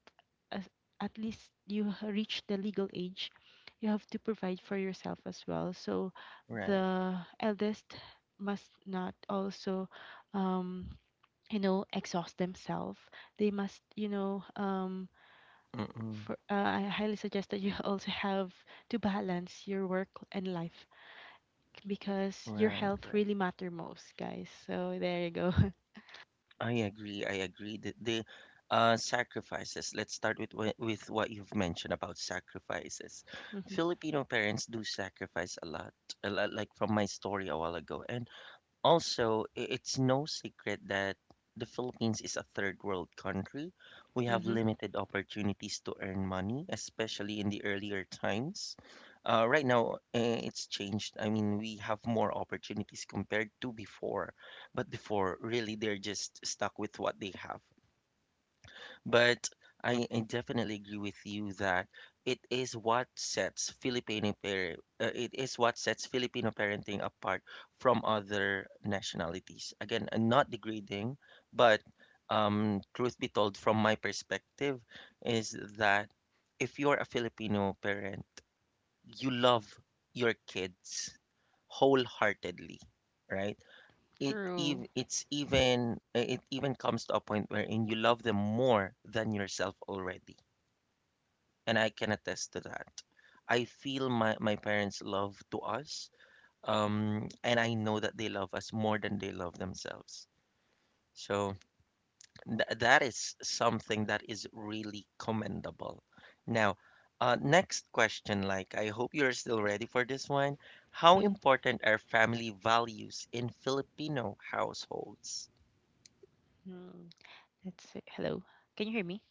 as at least you reach the legal age. You have to provide for yourself as well. So Right. the eldest must not also, um, you know, exhaust themselves. They must, you know, Mm-mm. for, uh, I highly suggest that you also have to balance your work and life, because your Right, health right. really matter most, guys. So there you go. I agree. I agree that the sacrifices. Let's start with with what you've mentioned about sacrifices. Mhm. Filipino parents do sacrifice a lot, like from my story a while ago. And also, it's no secret that the Philippines is a third world country. We have Mhm. limited opportunities to earn money, especially in the earlier times. Right now, eh, it's changed. I mean, we have more opportunities compared to before, but before, really, they're just stuck with what they have. But I definitely agree with you that it is what sets Filipino par it is what sets Filipino parenting apart from other nationalities. Again, not degrading, but truth be told, from my perspective, is that if you're a Filipino parent, you love your kids wholeheartedly, right? True. It's even it even comes to a point wherein you love them more than yourself already, and I can attest to that. I feel my, my parents love to us, and I know that they love us more than they love themselves. So that is something that is really commendable. Now, next question, like I hope you're still ready for this one. How Mhm. important are family values in Filipino households? Mm. Let's see. Hello. Can you hear me?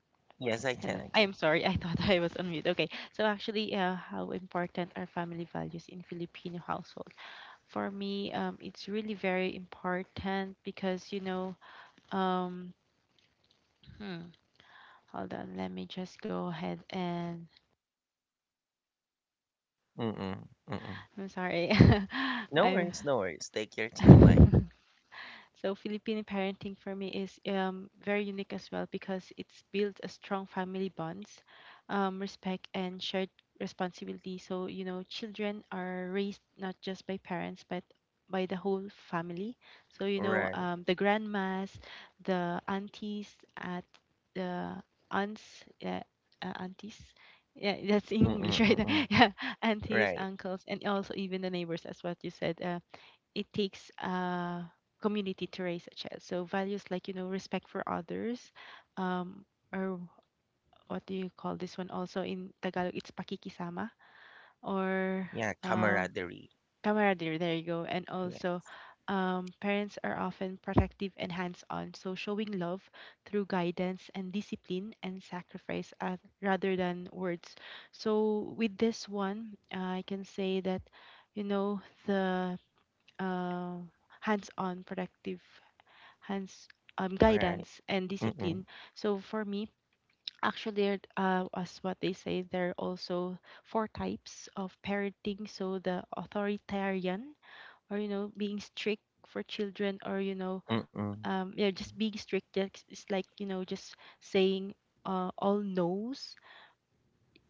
Yes, I can. I can. Hello. I am sorry. I thought I was on mute. Okay. So actually, how important are family values in Filipino household? For me, it's really very important, because you know, um, hmm, hold on. Let me just go ahead and— Mm-mm. Mm-mm. I'm sorry. No I'm— worries. No worries. Take your time. Like, So Filipino parenting for me is, very unique as well, because it's built a strong family bonds, respect, and shared responsibility. So you know, children are raised not just by parents, but by the whole family. So you know, right. The grandmas, the aunties, at the aunts, aunties. Yeah, that's in Mm-mm. English, right? Mm-mm. Yeah, aunties, Right. uncles, and also even the neighbors, as what you said. It takes a community to raise a child. So values like you know respect for others, um, or what do you call this one? Also in Tagalog, it's pakikisama or, Yeah. um, Camaraderie. camaraderie. There you go. And Yeah. also, parents are often protective and hands-on, so showing love through guidance and discipline and sacrifice, rather than words. So with this one, I can say that you know the uh, hands-on productive hands, Right. guidance and Mm-mm. discipline. So for me actually, as what they say, there are also four types of parenting. So the authoritarian, or you know, being strict for children, or you know, Mm-mm. Yeah, just being strict, just, it's like you know just saying all no's,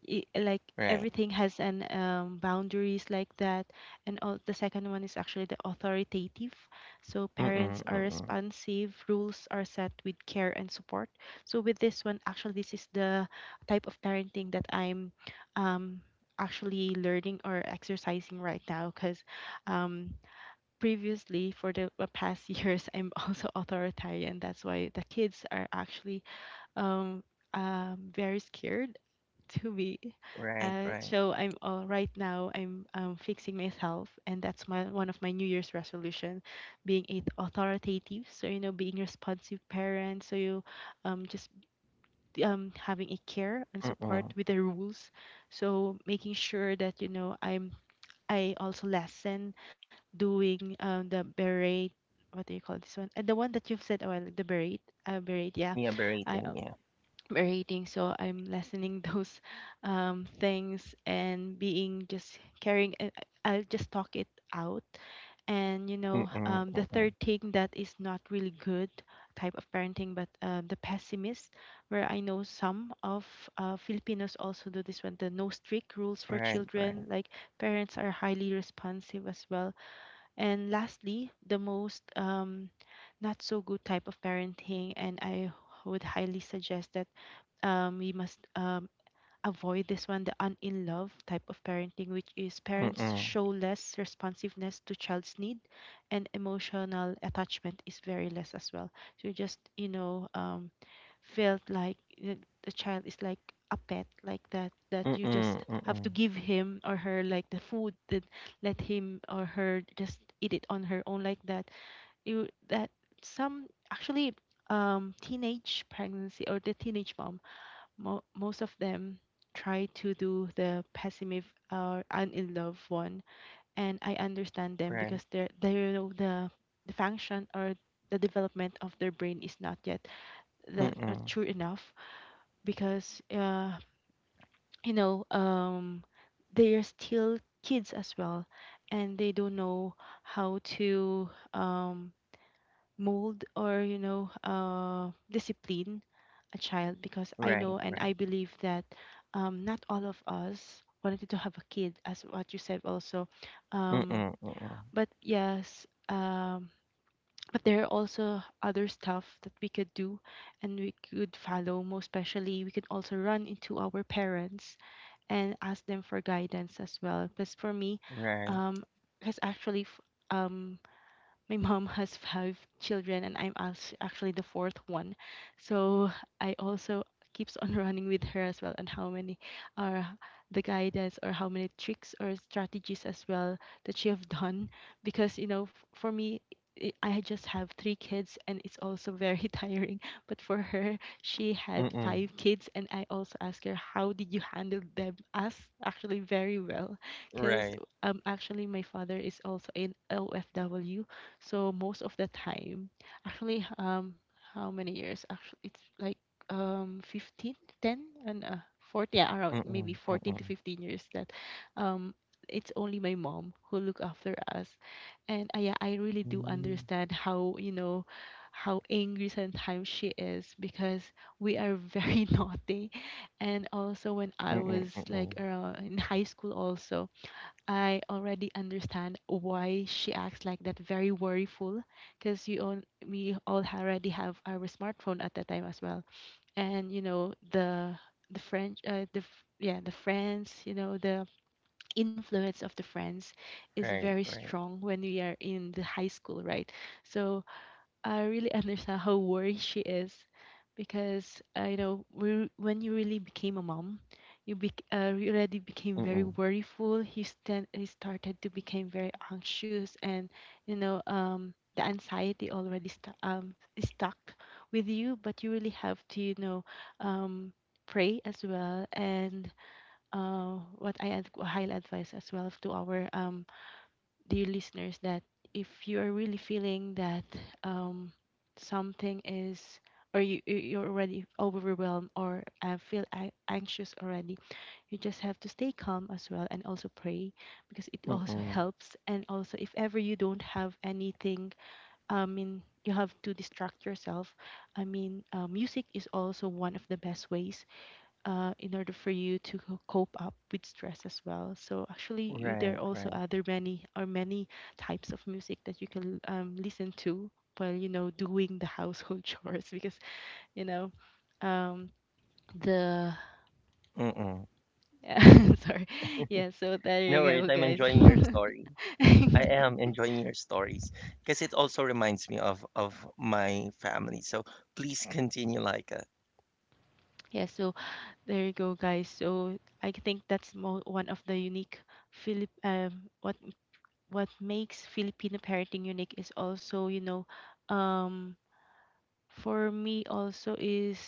like Right. everything has an, boundaries like that and all. The second one is actually the authoritative, so Mm-mm. parents are Mm-mm. responsive, rules are set with care and support. So with this one, actually, this is the type of parenting that I'm, um, actually learning or exercising right now because, um, previously for the past years I'm also authoritarian, that's why the kids are actually, um, very scared to be. Right. Right. So I'm, right now I'm, fixing myself, and that's my one of my New Year's resolution, being a authoritative. So you know, being responsive parent. So you, just having a care and Mm-mm. support with the rules. So making sure that you know I also lessen doing the berate. What do you call this one? And the one that you've said a while, the berate, berate, yeah. Yeah. Berating. I Yeah. rating, so I'm lessening those, things, and being just caring, I'll just talk it out. And you know, Mm-mm. The Mm-mm. third thing that is not really good type of parenting, but the pessimist, where I know some of, Filipinos also do this one, the no strict rules for Right. Right. children, like parents are highly responsive as well. And lastly, the most, not so good type of parenting, and I would highly suggest that, we must, avoid this one, the un in love type of parenting, which is parents Mm-mm. show less responsiveness to child's need, and emotional attachment is very less as well. So you just you know, felt like the child is like a pet like that, that you Mm-mm. just Mm-mm. have to give him or her like the food that— let him or her just eat it on her own like that. You that some, actually, teenage pregnancy or the teenage mom, most of them try to do the pessimist or I'm in love one, and I understand them Right. because they're the— function or the development of their brain is not yet that, Mm-mm. true enough. Because you know, they are still kids as well, and they don't know how to, mold or you know, discipline a child, because I Right. know and Right. I believe that, not all of us wanted to have a kid, as what you said also, Mm-mm. um, Mm-mm. but yes, but there are also other stuff that we could do, and we could follow, most especially we could also run into our parents and ask them for guidance as well. Because for me, Right. um, because actually f- um, my mom has five children, and actually the fourth one. So I also keeps on running with her as well on how many are the guidance, or how many tricks or strategies as well that she have done. Because you know, for me, I just have three kids, and it's also very tiring. But for her, she had Mm-mm. five kids, and I also asked her how did you handle them as actually very well. Because, Right. Actually my father is also in OFW, so most of the time, actually, how many years? Actually, it's like, 15, 10, and, 40, yeah, around Mm-mm. maybe 14 Mm-mm. to 15 years that, um it's only my mom who look after us. And, yeah, I really do Mm-mm. understand how, you know, how angry sometimes she is, because we are very naughty. And also when I Mm-mm. was Mm-mm. like around in high school also, I already understand why she acts like that, very worryful, because you all, we all already have our smartphone at that time as well, and you know the French, the f- yeah, the friends, you know the influence of the friends is Right. very Right. strong when we are in the high school, right? So I really understand how worried she is, because I know we— when you really became a mom, you, bec you already became very Mm, worryful. You started to become very anxious, and you know, the anxiety already st is stuck with you. But you really have to you know, um, pray as well. And, what highly advise as well to our, dear listeners, that if you are really feeling that, um, something is, or you're already overwhelmed, or, anxious already, you just have to stay calm as well, and also pray, because it also mm. helps. And also, if ever you don't have anything, I mean, you have to distract yourself. I mean, music is also one of the best ways, in order for you to cope up with stress as well. So actually, you— Right, there are right. also other many or many types of music that you can, listen to while you know doing the household chores, because you know, um, the— Mm. sorry. Yeah. So there No you worries. I'm go, guys. enjoying your story. I am enjoying your stories because it also reminds me of my family. So please continue, like. Yeah. So there you go, guys. So I think that's one of the unique Philip. What makes Filipino parenting unique is also you know, um for me also is,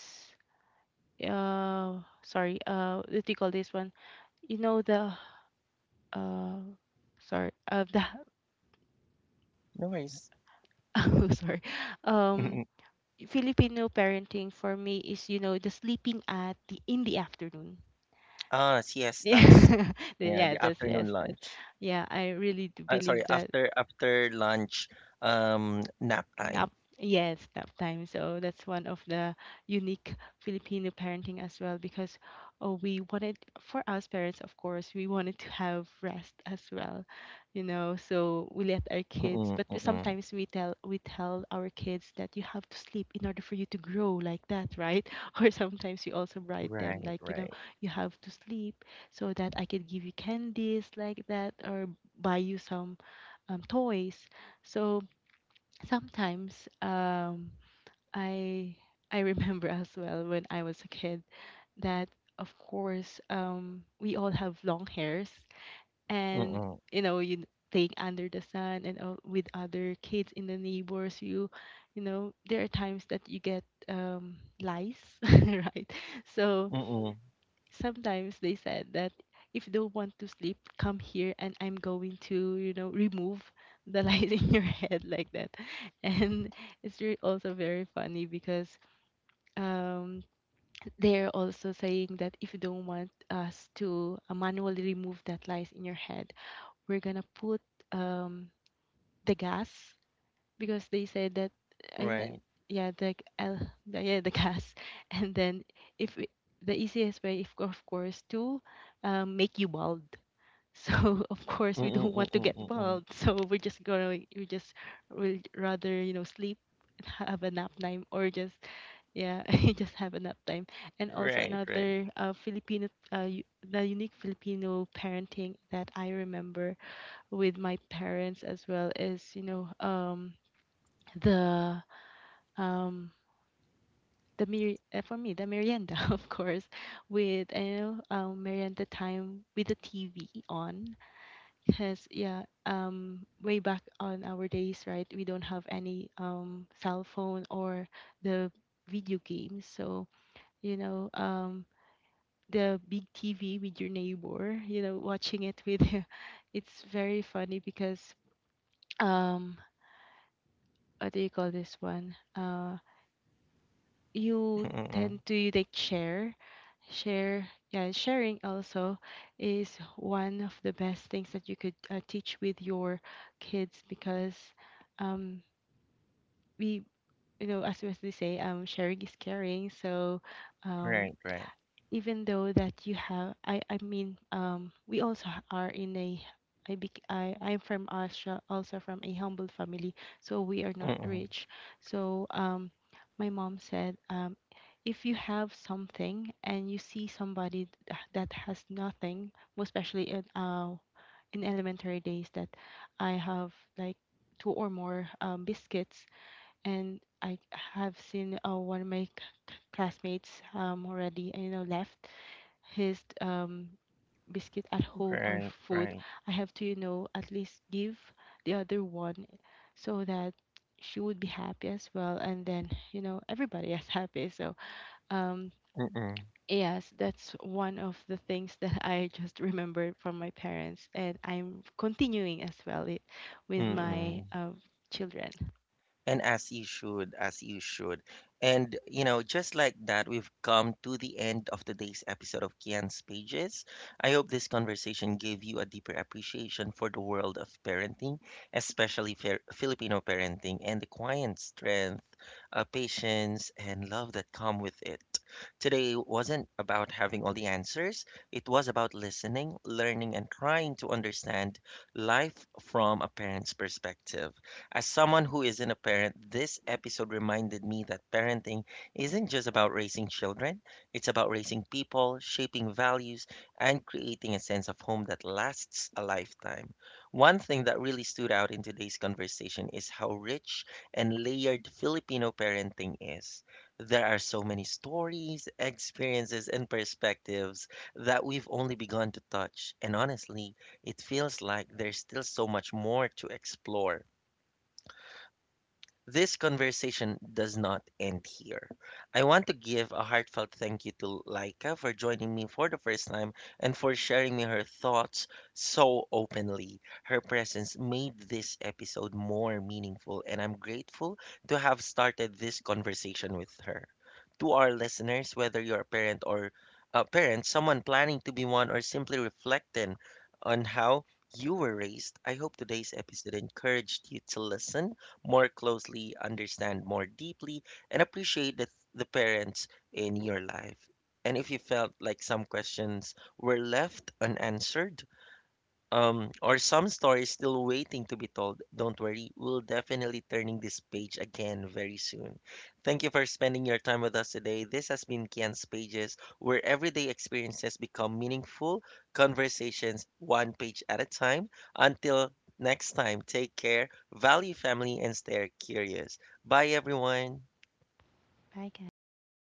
sorry, what do you call this one? You know the, uh sorry, the— No worries. oh sorry. Mm-mm. Um Filipino parenting for me is, you know, the sleeping at the— in the afternoon. Ah, siestas. Yeah. Yeah, the Yeah, that's— afternoon yes, that's— lunch. yeah, I really do Sorry, believe that. After lunch, nap time. Nap, yes, nap time. So that's one of the unique Filipino parenting as well, because oh, we wanted, for us parents, of course, we wanted to have rest as well, you know. So we let our Mm-mm, kids, but, mm-mm. sometimes we tell our kids that you have to sleep in order for you to grow like that, right? Or sometimes we also bribe Right, them like, you right. know, you have to sleep so that I can give you candies like that, or buy you some, toys. So sometimes, i I remember as well when I was a kid, that of course, we all have long hairs, and Mm-mm, you know you playing under the sun and all, with other kids in the neighbors. You know, there are times that you get, lice, right? So mm-mm. sometimes they said that if you don't want to sleep, come here and I'm going to, you know, remove the light in your head like that. And it's also very funny, because, um, they're also saying that if you don't want us to, manually remove that light in your head, we're gonna put, um, the gas, because they said that, and Right. then yeah, the L— yeah, the gas, and then, if it- the easiest way, if of course, to, make you bald. So of course we Mm-mm, don't want mm-mm, to get mm-mm. bald, so we just will rather you know sleep and have a nap time, or just, yeah, just have a nap time. And also Right, right. another, Filipino, the unique Filipino parenting that I remember with my parents as well is you know the um for me, the merienda, of course, with you know, merienda time with the TV on, because yeah, way back on our days, right, we don't have any, cell phone or the video games. So you know, the big TV with your neighbor, you know, watching it with— it's very funny because, um what do you call this one? Mm-mm, mm. You tend to like share. Share, yeah, sharing also is one of the best things that you could, teach with your kids. Because, um we you know as they say, sharing is caring. So, Right, right. um even though that you have, I mean, we also are in a— I bec- I I'm from Austria, also from a humble family, so we are not Mm, rich. So, my mom said, if you have something and you see somebody that has nothing, most especially in, in elementary days, that I have like two or more, biscuits, and I have seen, one of my classmates, already you know left his, biscuit at home right, or right. food, I have to, you know, at least give the other one, so that she would be happy as well, and then, you know, everybody is happy. So, um Mm, yes, that's one of the things that I just remembered from my parents, and I'm continuing as well it with mm. my, children. And as you should, as you should. And, you know, just like that, we've come to the end of today's episode of Kian's Pages. I hope this conversation gave you a deeper appreciation for the world of parenting, especially Filipino parenting, and the quiet strength, patience, and love that come with it. Today wasn't about having all the answers, it was about listening, learning, and trying to understand life from a parent's perspective. As someone who isn't a parent, this episode reminded me that parenting isn't just about raising children, it's about raising people, shaping values, and creating a sense of home that lasts a lifetime. One thing that really stood out in today's conversation is how rich and layered Filipino parenting is. There are so many stories, experiences, and perspectives that we've only begun to touch, and honestly, it feels like there's still so much more to explore. This conversation does not end here. I want to give a heartfelt thank you to Laika for joining me for the first time and for sharing me her thoughts so openly. Her presence made this episode more meaningful, and I'm grateful to have started this conversation with her. To our listeners, whether you're a parent or a parent, someone planning to be one, or simply reflecting on how you were raised, I hope today's episode encouraged you to listen more closely, understand more deeply, and appreciate the parents in your life. And if you felt like some questions were left unanswered, or some story is still waiting to be told. Don't worry, we'll definitely turning this page again very soon. Thank you for spending your time with us today. This has been Kian's Pages, where everyday experiences become meaningful conversations one page at a time. Until next time, take care, value family, and stay curious. Bye, everyone. Bye, guys.